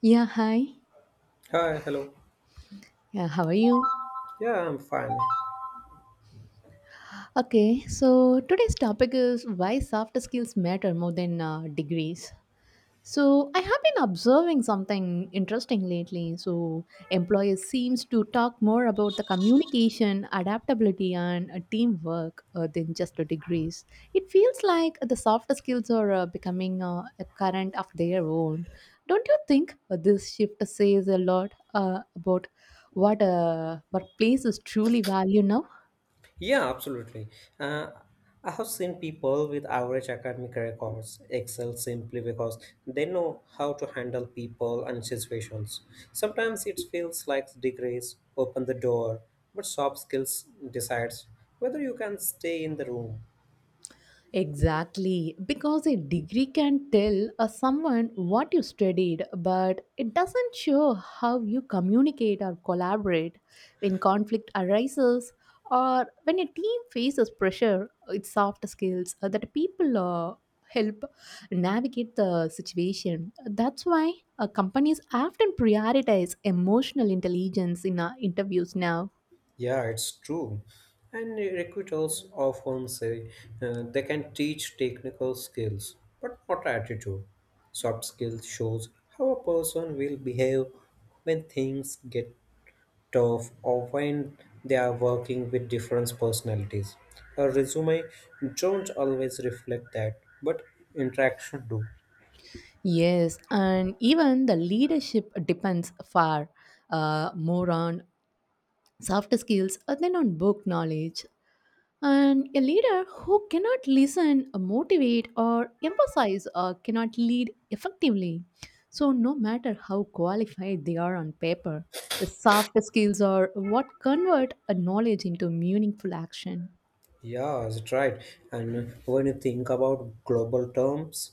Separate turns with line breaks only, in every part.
Yeah, hi.
Hi, hello.
Yeah, how are you?
Yeah, I'm fine.
Okay, so today's topic is why soft skills matter more than degrees. So I have been observing something interesting lately. So employers seems to talk more about the communication, adaptability, and teamwork than just the degrees. It feels like the soft skills are becoming a current of their own. Don't you think this shift says a lot about what places truly value now?
Yeah, absolutely. Uh, I have seen people with average academic records excel simply because they know how to handle people and situations. Sometimes it feels like degrees open the door, but soft skills decides whether you can stay in the room.
Exactly, because a degree can tell someone what you studied, but it doesn't show how you communicate or collaborate when conflict arises or when a team faces pressure. It's soft skills that people help navigate the situation. That's why companies often prioritize emotional intelligence in interviews now.
Yeah, it's true. And recruiters often say they can teach technical skills, but not attitude. Soft skills shows how a person will behave when things get tough or when they are working with different personalities. A resume don't always reflect that, but interaction do.
Yes, and even the leadership depends far more on soft skills than on book knowledge. And a leader who cannot listen, motivate, or emphasize cannot lead effectively. So, no matter how qualified they are on paper, the soft skills are what convert a knowledge into meaningful action.
Yeah, that's right. And when you think about global terms,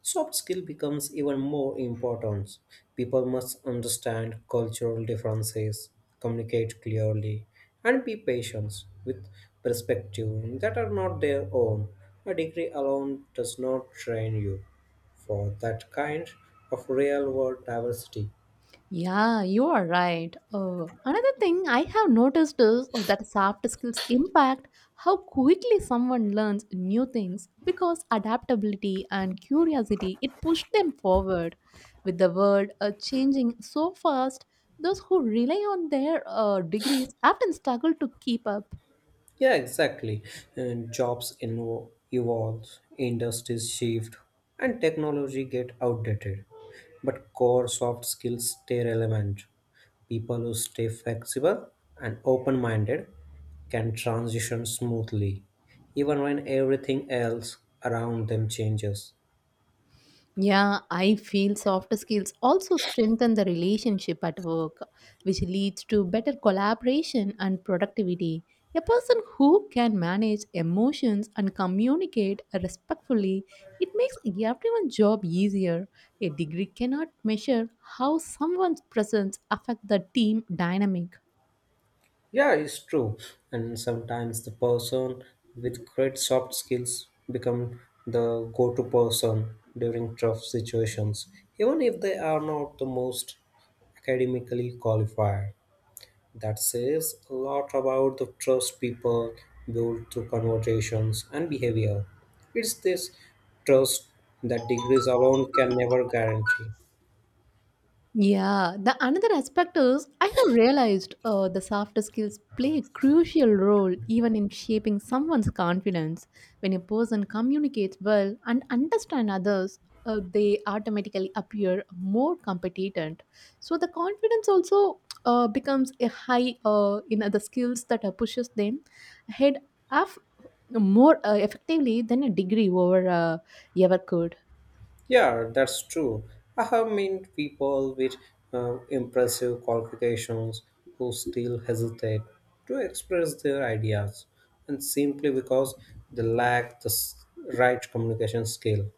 soft skill becomes even more important. People must understand cultural differences, communicate clearly, and be patient with perspectives that are not their own. A degree alone does not train you for that kind of real world diversity.
Yeah, you are right. Another thing I have noticed is that soft skills impact how quickly someone learns new things because adaptability and curiosity it push them forward. With the world changing so fast, those who rely on their degrees often struggle to keep up.
Yeah, exactly. And evolve, industries shift, and technology get outdated. But core soft skills stay relevant. People who stay flexible and open minded can transition smoothly, even when everything else around them changes.
Yeah, I feel soft skills also strengthen the relationship at work, which leads to better collaboration and productivity. A person who can manage emotions and communicate respectfully, it makes everyone's job easier. A degree cannot measure how someone's presence affect the team dynamic.
Yeah, it's true. And sometimes the person with great soft skills become the go-to person during tough situations, even if they are not the most academically qualified. That says a lot about the trust people build through conversations and behavior. It's this trust that degrees alone can never guarantee.
Yeah, the another aspect is I have realized the soft skills play a crucial role even in shaping someone's confidence. When a person communicates well and understands others, they automatically appear more competent. So the confidence also becomes a high in other skills that pushes them ahead of more effectively than a degree over ever could.
Yeah, that's true. I have met people with impressive qualifications who still hesitate to express their ideas, and simply because they lack the right communication skill.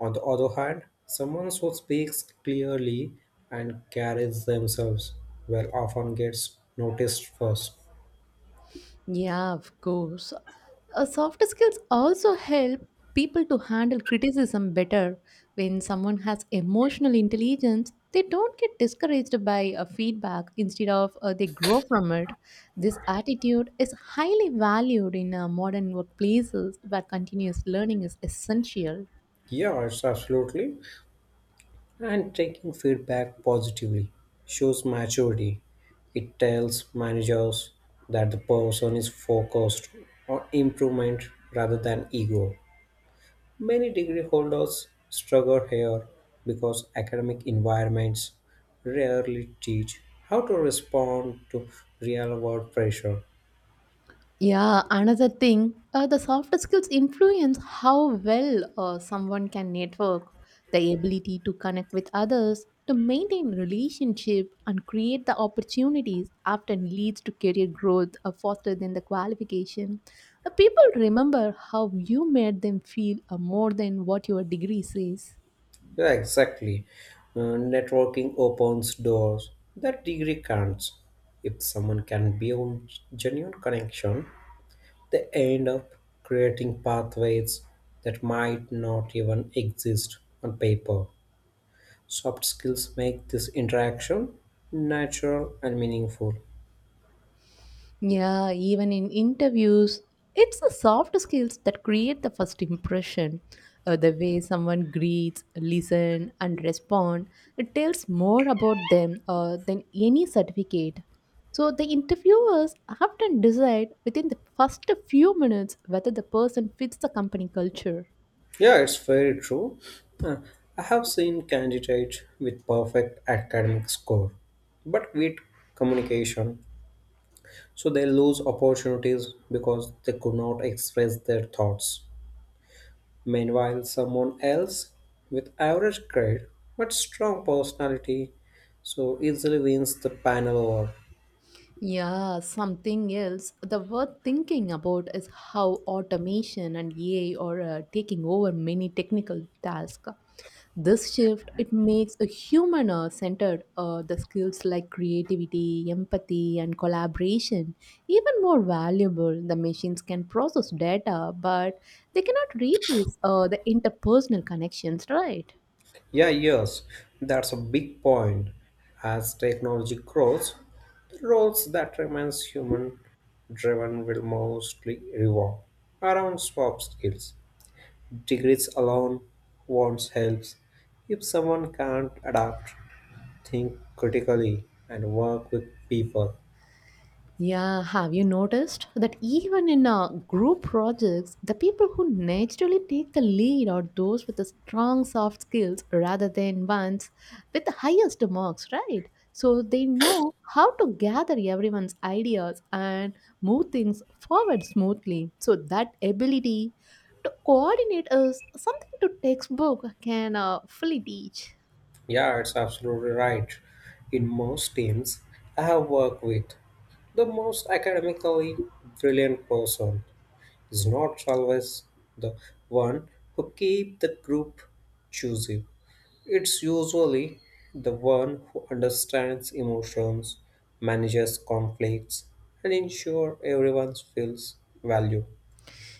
On the other hand, someone who speaks clearly and carries themselves well often gets noticed first.
Yeah, of course. Soft skills also help people to handle criticism better. When someone has emotional intelligence, they don't get discouraged by feedback. Instead of they grow from it. This attitude is highly valued in modern workplaces where continuous learning is essential.
Yeah, it's absolutely. And taking feedback positively shows maturity. It tells managers that the person is focused on improvement rather than ego. Many degree holders struggle here because academic environments rarely teach how to respond to real world pressure.
Yeah, another thing, the soft skills influence how well someone can network, the ability to connect with others, to maintain relationship and create the opportunities often leads to career growth faster than the qualification. People remember how you made them feel more than what your degree says.
Yeah, exactly. Networking opens doors that degree can't. If someone can build genuine connection, they end up creating pathways that might not even exist on paper. Soft skills make this interaction natural and meaningful.
Yeah, even in interviews, it's the soft skills that create the first impression. The way someone greets, listen, and respond, it tells more about them than any certificate. So the interviewers often decide within the first few minutes whether the person fits the company culture.
Yeah, it's very true. Uh, I have seen candidates with perfect academic score, but weak communication. So they lose opportunities because they could not express their thoughts. Meanwhile, someone else with average grade but strong personality so easily wins the panel over.
Yeah, something else. The worth thinking about is how automation and AI are taking over many technical tasks. This shift it makes a human centered the skills like creativity, empathy, and collaboration even more valuable. The machines can process data, but they cannot replace the interpersonal connections. Right?
Yeah, yes, that's a big point. As technology grows, the roles that remains human driven will mostly revolve around soft skills. Degrees alone won't help if someone can't adapt, think critically, and work with people.
Yeah, have you noticed that even in group projects, the people who naturally take the lead are those with the strong soft skills rather than ones with the highest marks, right? So they know how to gather everyone's ideas and move things forward smoothly. So that ability to coordinate is something to textbook can fully teach.
Yeah, it's absolutely right. In most teams I have worked with, the most academically brilliant person is not always the one who keep the group choosy. It's usually the one who understands emotions, manages conflicts, and ensure everyone feels valued.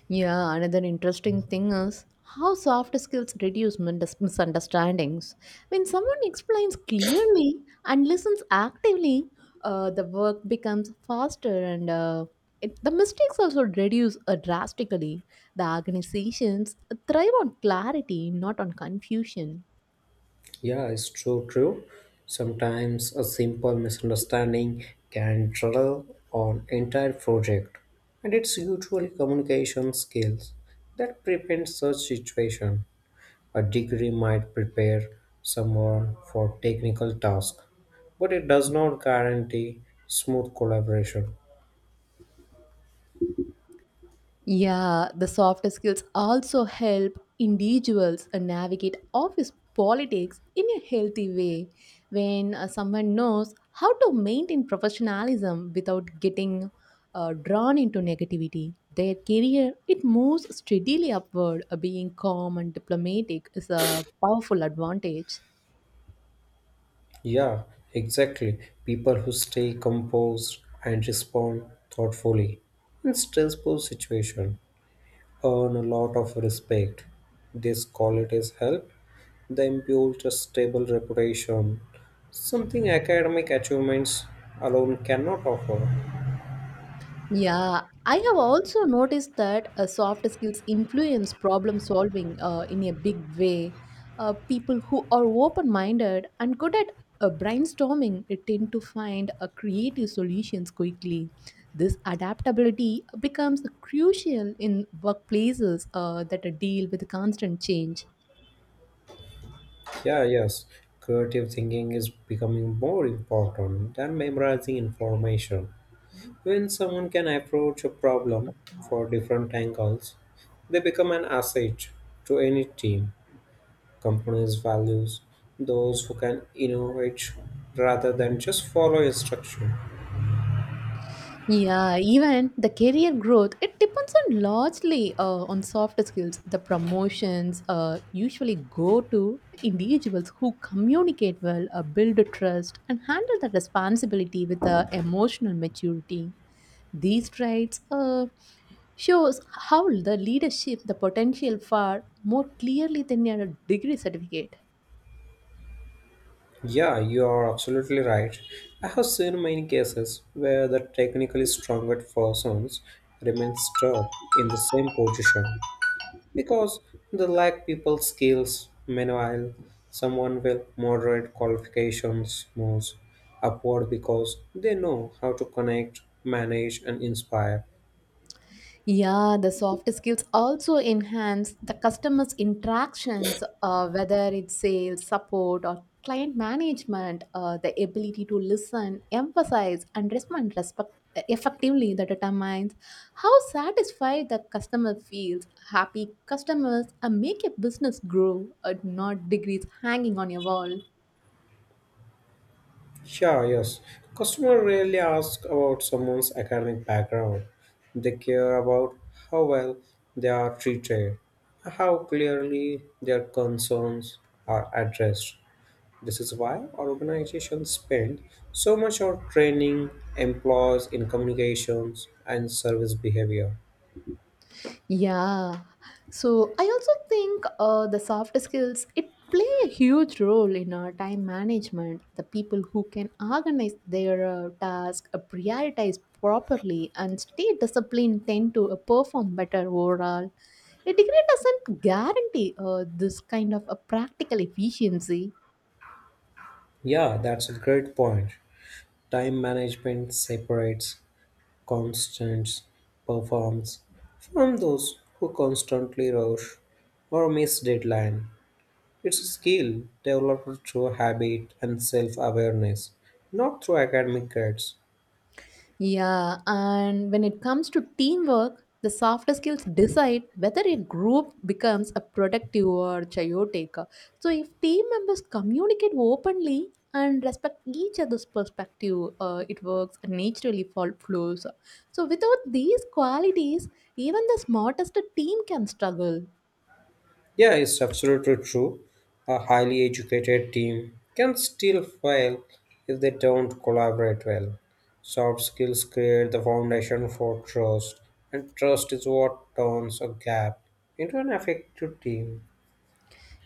Yeah, another interesting thing is how soft skills reduce misunderstandings. When someone explains clearly and listens actively, the work becomes faster and the mistakes also reduce drastically. The organizations thrive on clarity, not on confusion.
Yeah, it's true. Sometimes a simple misunderstanding can derail an entire project, and it's usually communication skills that prevent such situation. A degree might prepare someone for technical task, but it does not guarantee smooth collaboration.
Yeah, the soft skills also help individuals navigate office politics in a healthy way. When someone knows how to maintain professionalism without getting drawn into negativity, their career it moves steadily upward. Being calm and diplomatic is a powerful advantage.
Yeah, exactly. People who stay composed and respond thoughtfully in stressful situation earn a lot of respect. These qualities help them build a stable reputation, something academic achievements alone cannot offer.
Yeah, I have also noticed that soft skills influence problem solving in a big way. People who are open minded and good at brainstorming tend to find creative solutions quickly. This adaptability becomes crucial in workplaces that deal with constant change.
Yeah, yes, creative thinking is becoming more important than memorizing information. When someone can approach a problem for different angles, they become an asset to any team. Companies values those who can innovate rather than just follow instruction.
Yeah, even the career growth, it depends on largely on soft skills. The promotions usually go to individuals who communicate well, build trust, and handle the responsibility with emotional maturity. These traits shows how the leadership the potential far more clearly than a degree certificate.
Yeah, you are absolutely right. I have seen many cases where the technically stronger persons remain stuck in the same position because they lack people skills. Meanwhile, someone with moderate qualifications moves upward because they know how to connect, manage, and inspire.
Yeah, the soft skills also enhance the customer's interactions, whether it's sales, support, or client management, the ability to listen, emphasize, and respond respect effectively that determines how satisfied the customer feels happy customers make a business grow not degrees hanging on your wall.
Sure, yes. Customer rarely ask about someone's academic background. They care about how well they are treated, how clearly their concerns are addressed. This is why our organizations spend so much on training employees in communications and service behavior.
Yeah. So I also think the soft skills it play a huge role in our time management. The people who can organize their task, prioritize properly, and stay disciplined tend to perform better overall. A degree doesn't guarantee this kind of a practical efficiency.
Yeah, that's a great point. Time management separates Constance performs from those who constantly rush or miss deadline. It's a skill developed through habit and self-awareness, not through academic grades.
Yeah, and when it comes to teamwork, the softer skills decide whether a group becomes a productive or chaotic. So, if team members communicate openly and respect each other's perspective, it works and naturally fall flows. So, without these qualities, even the smartest team can struggle.
Yeah, it's absolutely true. A highly educated team can still fail if they don't collaborate well. Soft skills create the foundation for trust, and trust is what turns a gap into an effective team.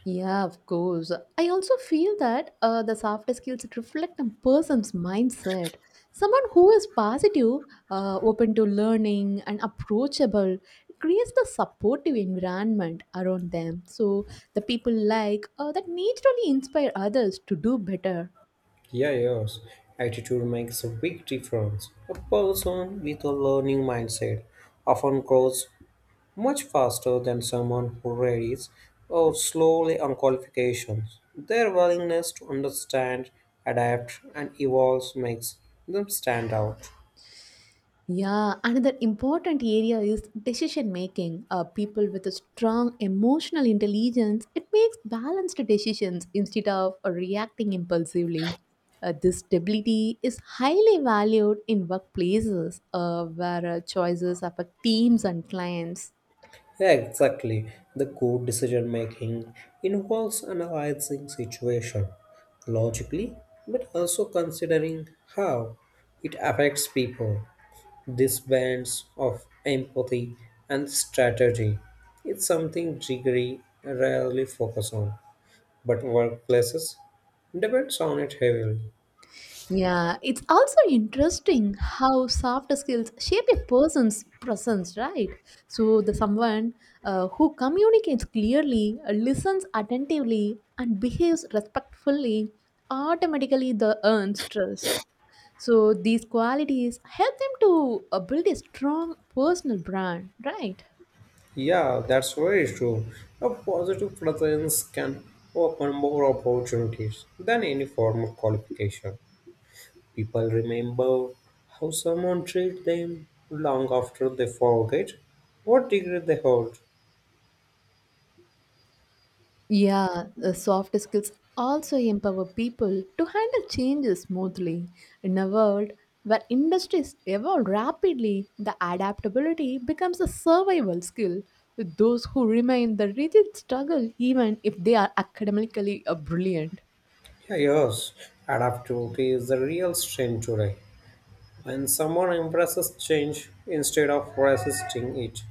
Yeah, of course. I also feel that the soft skills reflect a person's mindset. Someone who is positive, open to learning, and approachable creates the supportive environment around them. So the people like that naturally inspire others to do better.
Yeah, yes. Attitude makes a big difference. A person with a learning mindset often grows much faster than someone who reads or slowly on qualifications. Their willingness to understand, adapt, and evolve makes them stand out.
Yeah, another important area is decision making. People with a strong emotional intelligence, it makes balanced decisions instead of reacting impulsively. This stability is highly valued in workplaces where choices affect teams and clients.
Yeah, exactly. The good decision making involves analyzing situation logically, but also considering how it affects people. This balance of empathy and strategy is something jiggery rarely focus on, but workplaces depends on it heavily.
Yeah, it's also interesting how soft skills shape a person's presence, right? So, the someone who communicates clearly, listens attentively, and behaves respectfully automatically the earns trust. So, these qualities help them to build a strong personal brand, right?
Yeah, that's very true. A positive presence can open more opportunities than any form of qualification. People remember how someone treats them long after they forget what degree they hold.
Yeah, the soft skills also empower people to handle changes smoothly. In a world where industries evolve rapidly, the adaptability becomes a survival skill with those who remain the rigid struggle even if they are academically brilliant.
Yeah, yes, adaptability is the real strength today. When someone embraces change instead of resisting it,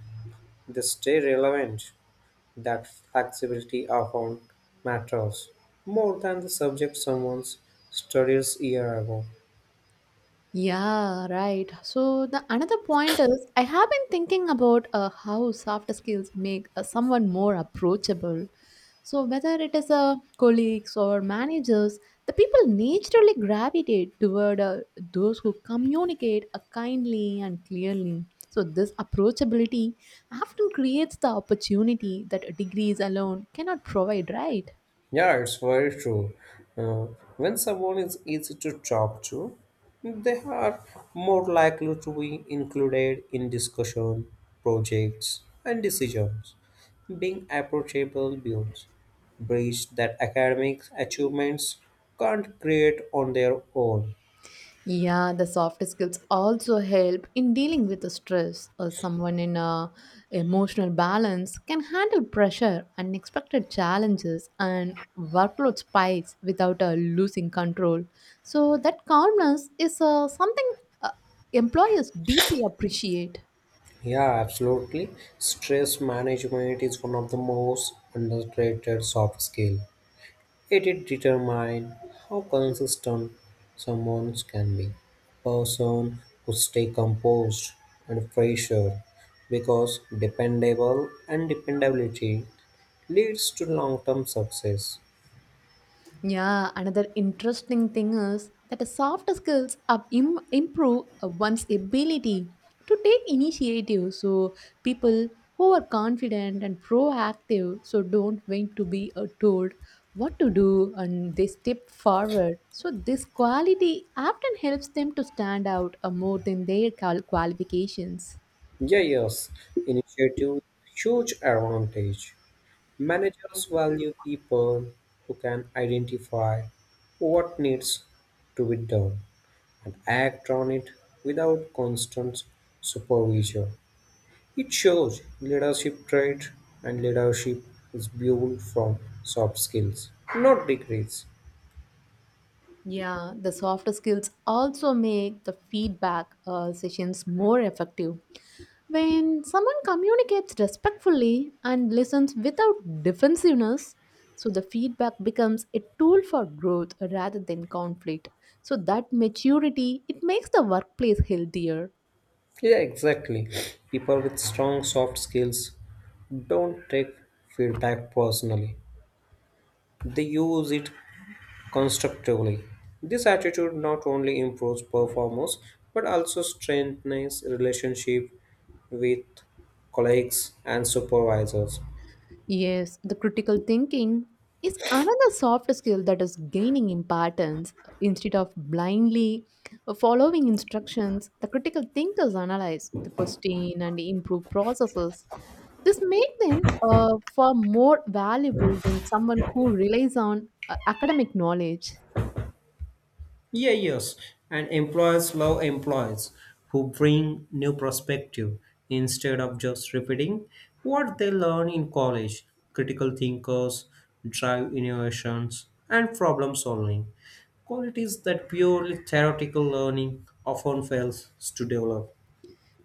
they stay relevant. That flexibility often matters more than the subject someone studies year ago.
Yeah, right. So the another point is I have been thinking about how soft skills make someone more approachable. So whether it is colleagues or managers, the people naturally gravitate toward those who communicate kindly and clearly. So this approachability often creates the opportunity that degrees alone cannot provide, right?
Yeah, it's very true. Uh, when someone is easy to talk to, they are more likely to be included in discussion, projects, and decisions. Being approachable builds bridge that academic achievements can't create on their own.
Yeah, the soft skills also help in dealing with the stress. Or someone in a emotional balance can handle pressure, unexpected challenges, and workload spikes without losing control. So that calmness is something uh, employers deeply appreciate.
Yeah, absolutely. Stress management is one of the most underrated soft skills. It determines how consistent someone can be. Person who stay composed and pressure because dependable and dependability leads to long-term success.
Yeah, another interesting thing is that the soft skills improve one's ability to take initiative. So people who are confident and proactive, so don't wait to be told what to do, and they step forward. So this quality often helps them to stand out more than their qualifications.
Yeah, yes, initiative huge advantage. Managers value people who can identify what needs to be done and act on it without constant supervision. It shows leadership trait, and leadership is built from soft skills, not degrees.
Yeah, the soft skills also make the feedback sessions more effective. When someone communicates respectfully and listens without defensiveness, so the feedback becomes a tool for growth rather than conflict. So that maturity, it makes the workplace healthier.
Yeah, exactly. People with strong soft skills don't take feedback personally, they use it constructively. This attitude not only improves performance but also strengthens relationship with colleagues and supervisors.
Yes, the critical thinking is another soft skill that is gaining importance. Instead of blindly following instructions, the critical thinkers analyze the question and improve processes. This makes them far more valuable than someone who relies on academic knowledge.
Yeah, yes. And employers love employees who bring new perspective instead of just repeating what they learn in college. Critical thinkers drive innovations and problem solving. Qualities that purely theoretical learning often fails to develop.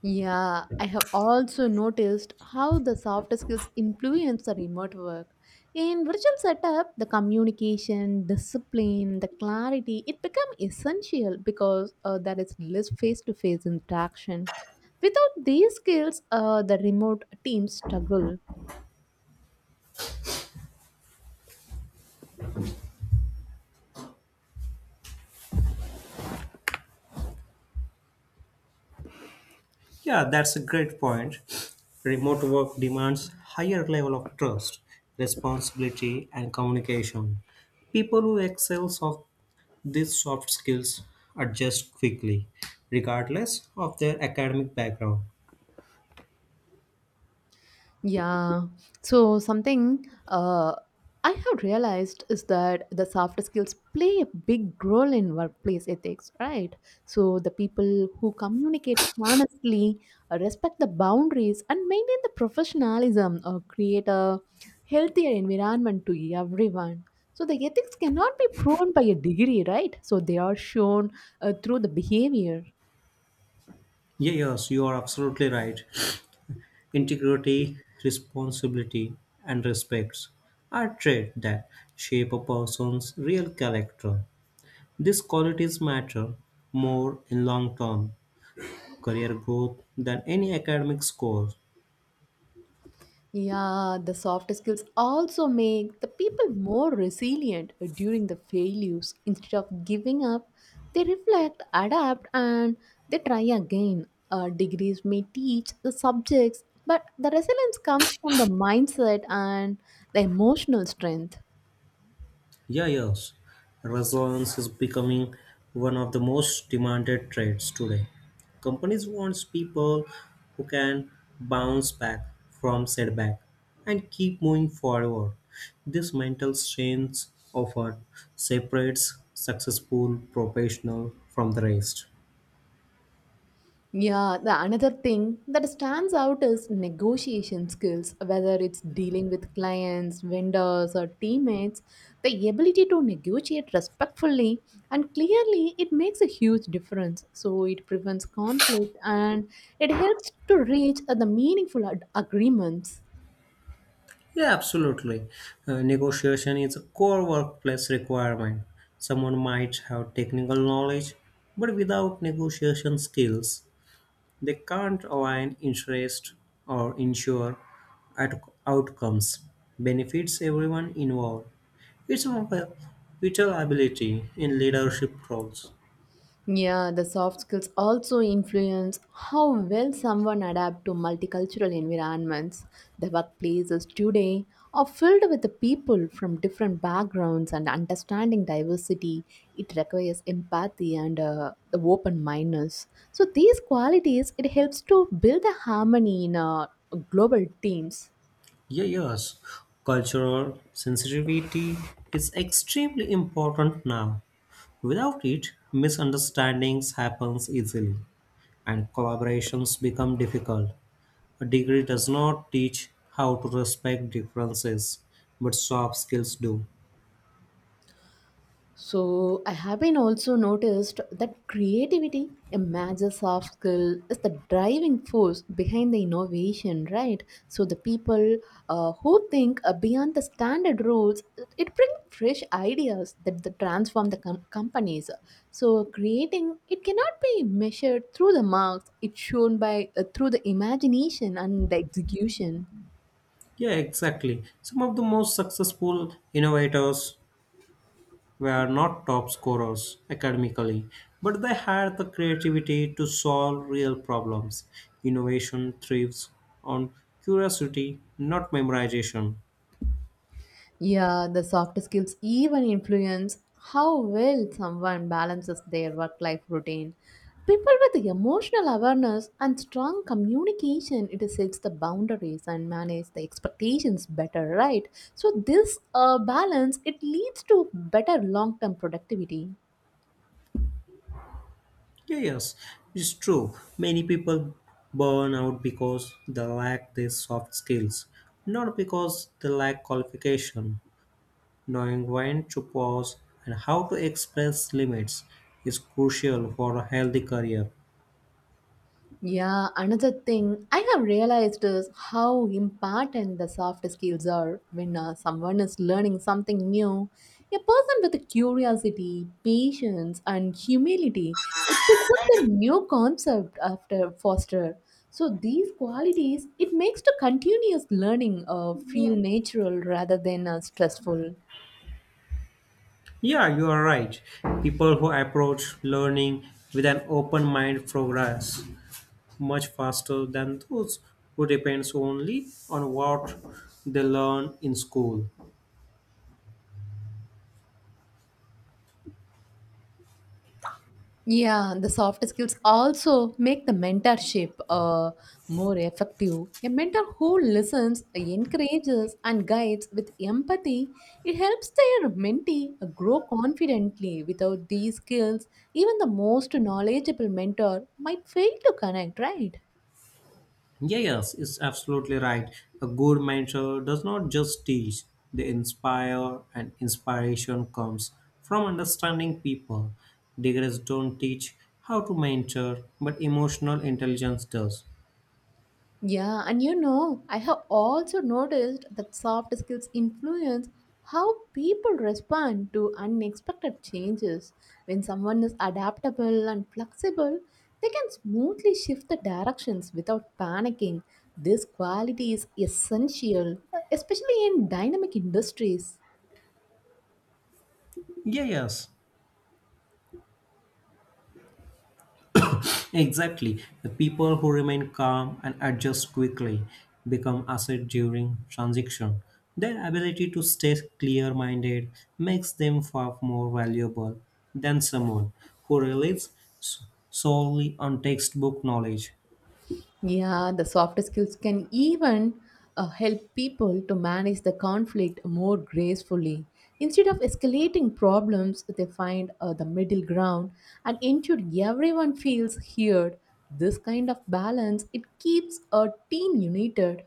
Yeah, I have also noticed how the soft skills influence the remote work. In virtual setup, the communication, discipline, the clarity, it become essential because there is less face-to-face interaction. Without these skills, the remote teams struggle.
Yeah, that's a great point. Remote work demands higher level of trust, responsibility, and communication. People who excel soft These soft skills adjust quickly, regardless of their academic background.
Yeah. So something I have realized is that the soft skills play a big role in workplace ethics, right? So the people who communicate honestly, respect the boundaries, and maintain the professionalism or create a healthier environment to everyone. So the ethics cannot be proven by a degree, right? So they are shown through the behavior.
Yeah, yes, you are absolutely right. Integrity, responsibility, and respect are traits that shape a person's real character. These qualities matter more in long term career growth than any academic score.
Yeah, the soft skills also make the people more resilient during the failures. Instead of giving up, they reflect, adapt, and they try again. Degrees may teach the subjects, but the resilience comes from the mindset and the emotional strength.
Yeah, yes. Resilience is becoming one of the most demanded traits today. Companies want people who can bounce back from setback and keep moving forward. This mental strength often separates successful professional from the rest.
Yeah, the another thing that stands out is negotiation skills, whether it's dealing with clients, vendors, or teammates. The ability to negotiate respectfully and clearly it makes a huge difference. So it prevents conflict and it helps to reach the meaningful agreements.
Yeah, absolutely. Negotiation is a core workplace requirement. Someone might have technical knowledge, but without negotiation skills, they can't align interest or ensure at- outcomes benefits everyone involved. It's one of the vital ability in leadership roles.
Yeah, the soft skills also influence how well someone adapts to multicultural environments. The workplaces today are filled with the people from different backgrounds and understanding diversity. It requires empathy and the open mindedness. So these qualities it helps to build a harmony in global teams.
Yeah, yes, cultural sensitivity is extremely important now. Without it, misunderstandings happens easily and collaborations become difficult. A degree does not teach how to respect differences, but soft skills do.
So I have been also noticed that creativity, a major soft skill, is the driving force behind the innovation, right? So the people who think beyond the standard rules, it brings fresh ideas that transform the companies. So creating it cannot be measured through the marks; it's shown by through the imagination and the execution.
Yeah, exactly. Some of the most successful innovators were not top scorers academically, but they had the creativity to solve real problems. Innovation thrives on curiosity, not memorization.
Yeah, the soft skills even influence how well someone balances their work life routine. People with emotional awareness and strong communication, it sets the boundaries and manage the expectations better, right? So this balance it leads to better long-term productivity.
Yeah, yes, it's true. Many people burn out because they lack these soft skills, not because they lack qualification. Knowing when to pause and how to express limits is crucial for a healthy career.
Yeah, another thing I have realized is how important the soft skills are when someone is learning something new. A person with a curiosity, patience, and humility, it picks up the new concept after foster. So these qualities, it makes the continuous learning feel natural rather than stressful.
Yeah, you are right. People who approach learning with an open mind progress much faster than those who depends only on what they learn in school.
Yeah, the soft skills also make the mentorship more effective. A mentor who listens, encourages, and guides with empathy, it helps their mentee grow confidently. Without these skills, even the most knowledgeable mentor might fail to connect, right?
Yeah, yes, it's absolutely right. A good mentor does not just teach, they inspire, and inspiration comes from understanding people. Degrees don't teach how to mentor, but emotional intelligence does.
Yeah, and you know, I have also noticed that soft skills influence how people respond to unexpected changes. When someone is adaptable and flexible, they can smoothly shift the directions without panicking. This quality is essential, especially in dynamic industries.
Yeah, yes. Exactly. The people who remain calm and adjust quickly become asset during transition. Their ability to stay clear minded makes them far more valuable than someone who relies solely on textbook knowledge.
Yeah, the soft skills can even help people to manage the conflict more gracefully. Instead of escalating problems, they find the middle ground and ensure everyone feels heard. This kind of balance it keeps a team united.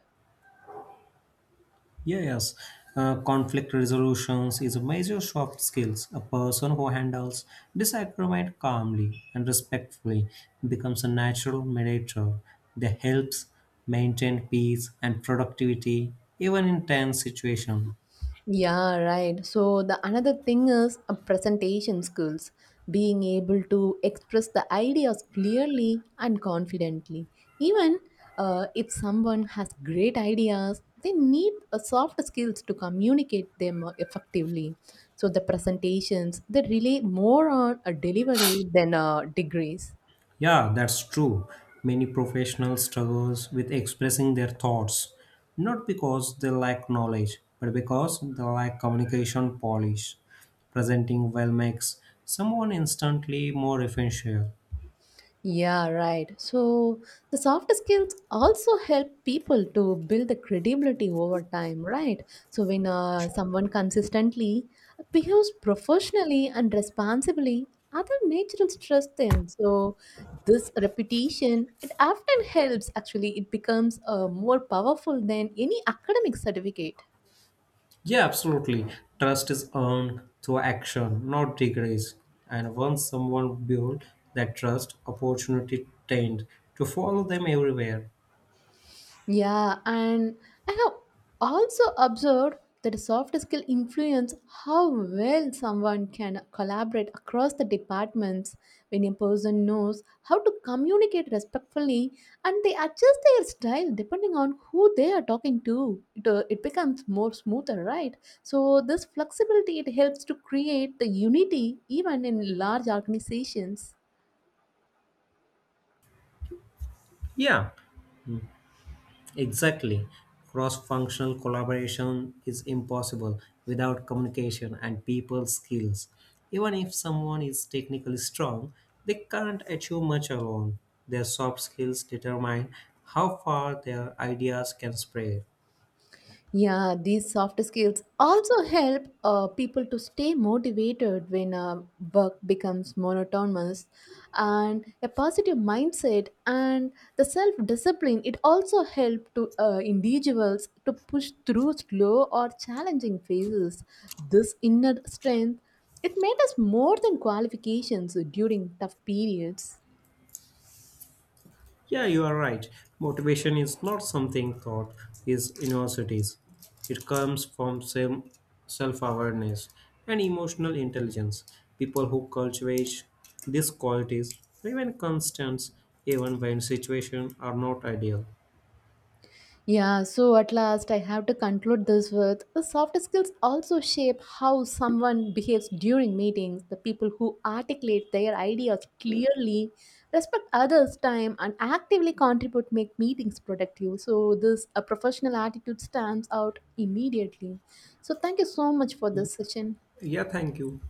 Yeah, yes. Conflict resolutions is a major soft skills. A person who handles disagreement calmly and respectfully becomes a natural mediator that helps maintain peace and productivity even in tense situations.
Yeah, right. So the another thing is presentation skills, being able to express the ideas clearly and confidently. Even if someone has great ideas, they need soft skills to communicate them effectively. So the presentations they rely more on a delivery than degrees.
Yeah, that's true. Many professionals struggles with expressing their thoughts, not because they lack knowledge, but because they lack communication polish. Presenting well makes someone instantly more influential.
Yeah, right. So the soft skills also help people to build the credibility over time, right? So when someone consistently behaves professionally and responsibly, other naturals trust them. So this reputation, it often helps. Actually, it becomes more powerful than any academic certificate.
Yeah, absolutely. Trust is earned through action, not degrees. And once someone builds that trust, opportunity tend to follow them everywhere.
Yeah, and I have also observed that a soft skill influence how well someone can collaborate across the departments when a person knows how to communicate respectfully and they adjust their style depending on who they are talking to. It, it becomes more smoother, right? So this flexibility it helps to create the unity even in large organizations.
Yeah, exactly. Cross functional collaboration is impossible without communication and people skills. Even if someone is technically strong, they can't achieve much alone. Their soft skills determine how far their ideas can spread.
Yeah, these soft skills also help people to stay motivated when work becomes monotonous. And a positive mindset and the self discipline, it also help to individuals to push through slow or challenging phases. This inner strength, it made us more than qualifications during tough periods.
Yeah, you are right. Motivation is not something taught is universities. It comes from self awareness and emotional intelligence. People who cultivate these qualities remain constant even when situations are not ideal.
Yeah, so at last I have to conclude this with the soft skills also shape how someone behaves during meetings. The people who articulate their ideas clearly, respect others' time, and actively contribute make meetings productive. So this a professional attitude stands out immediately. So thank you so much for this session.
Yeah, thank you.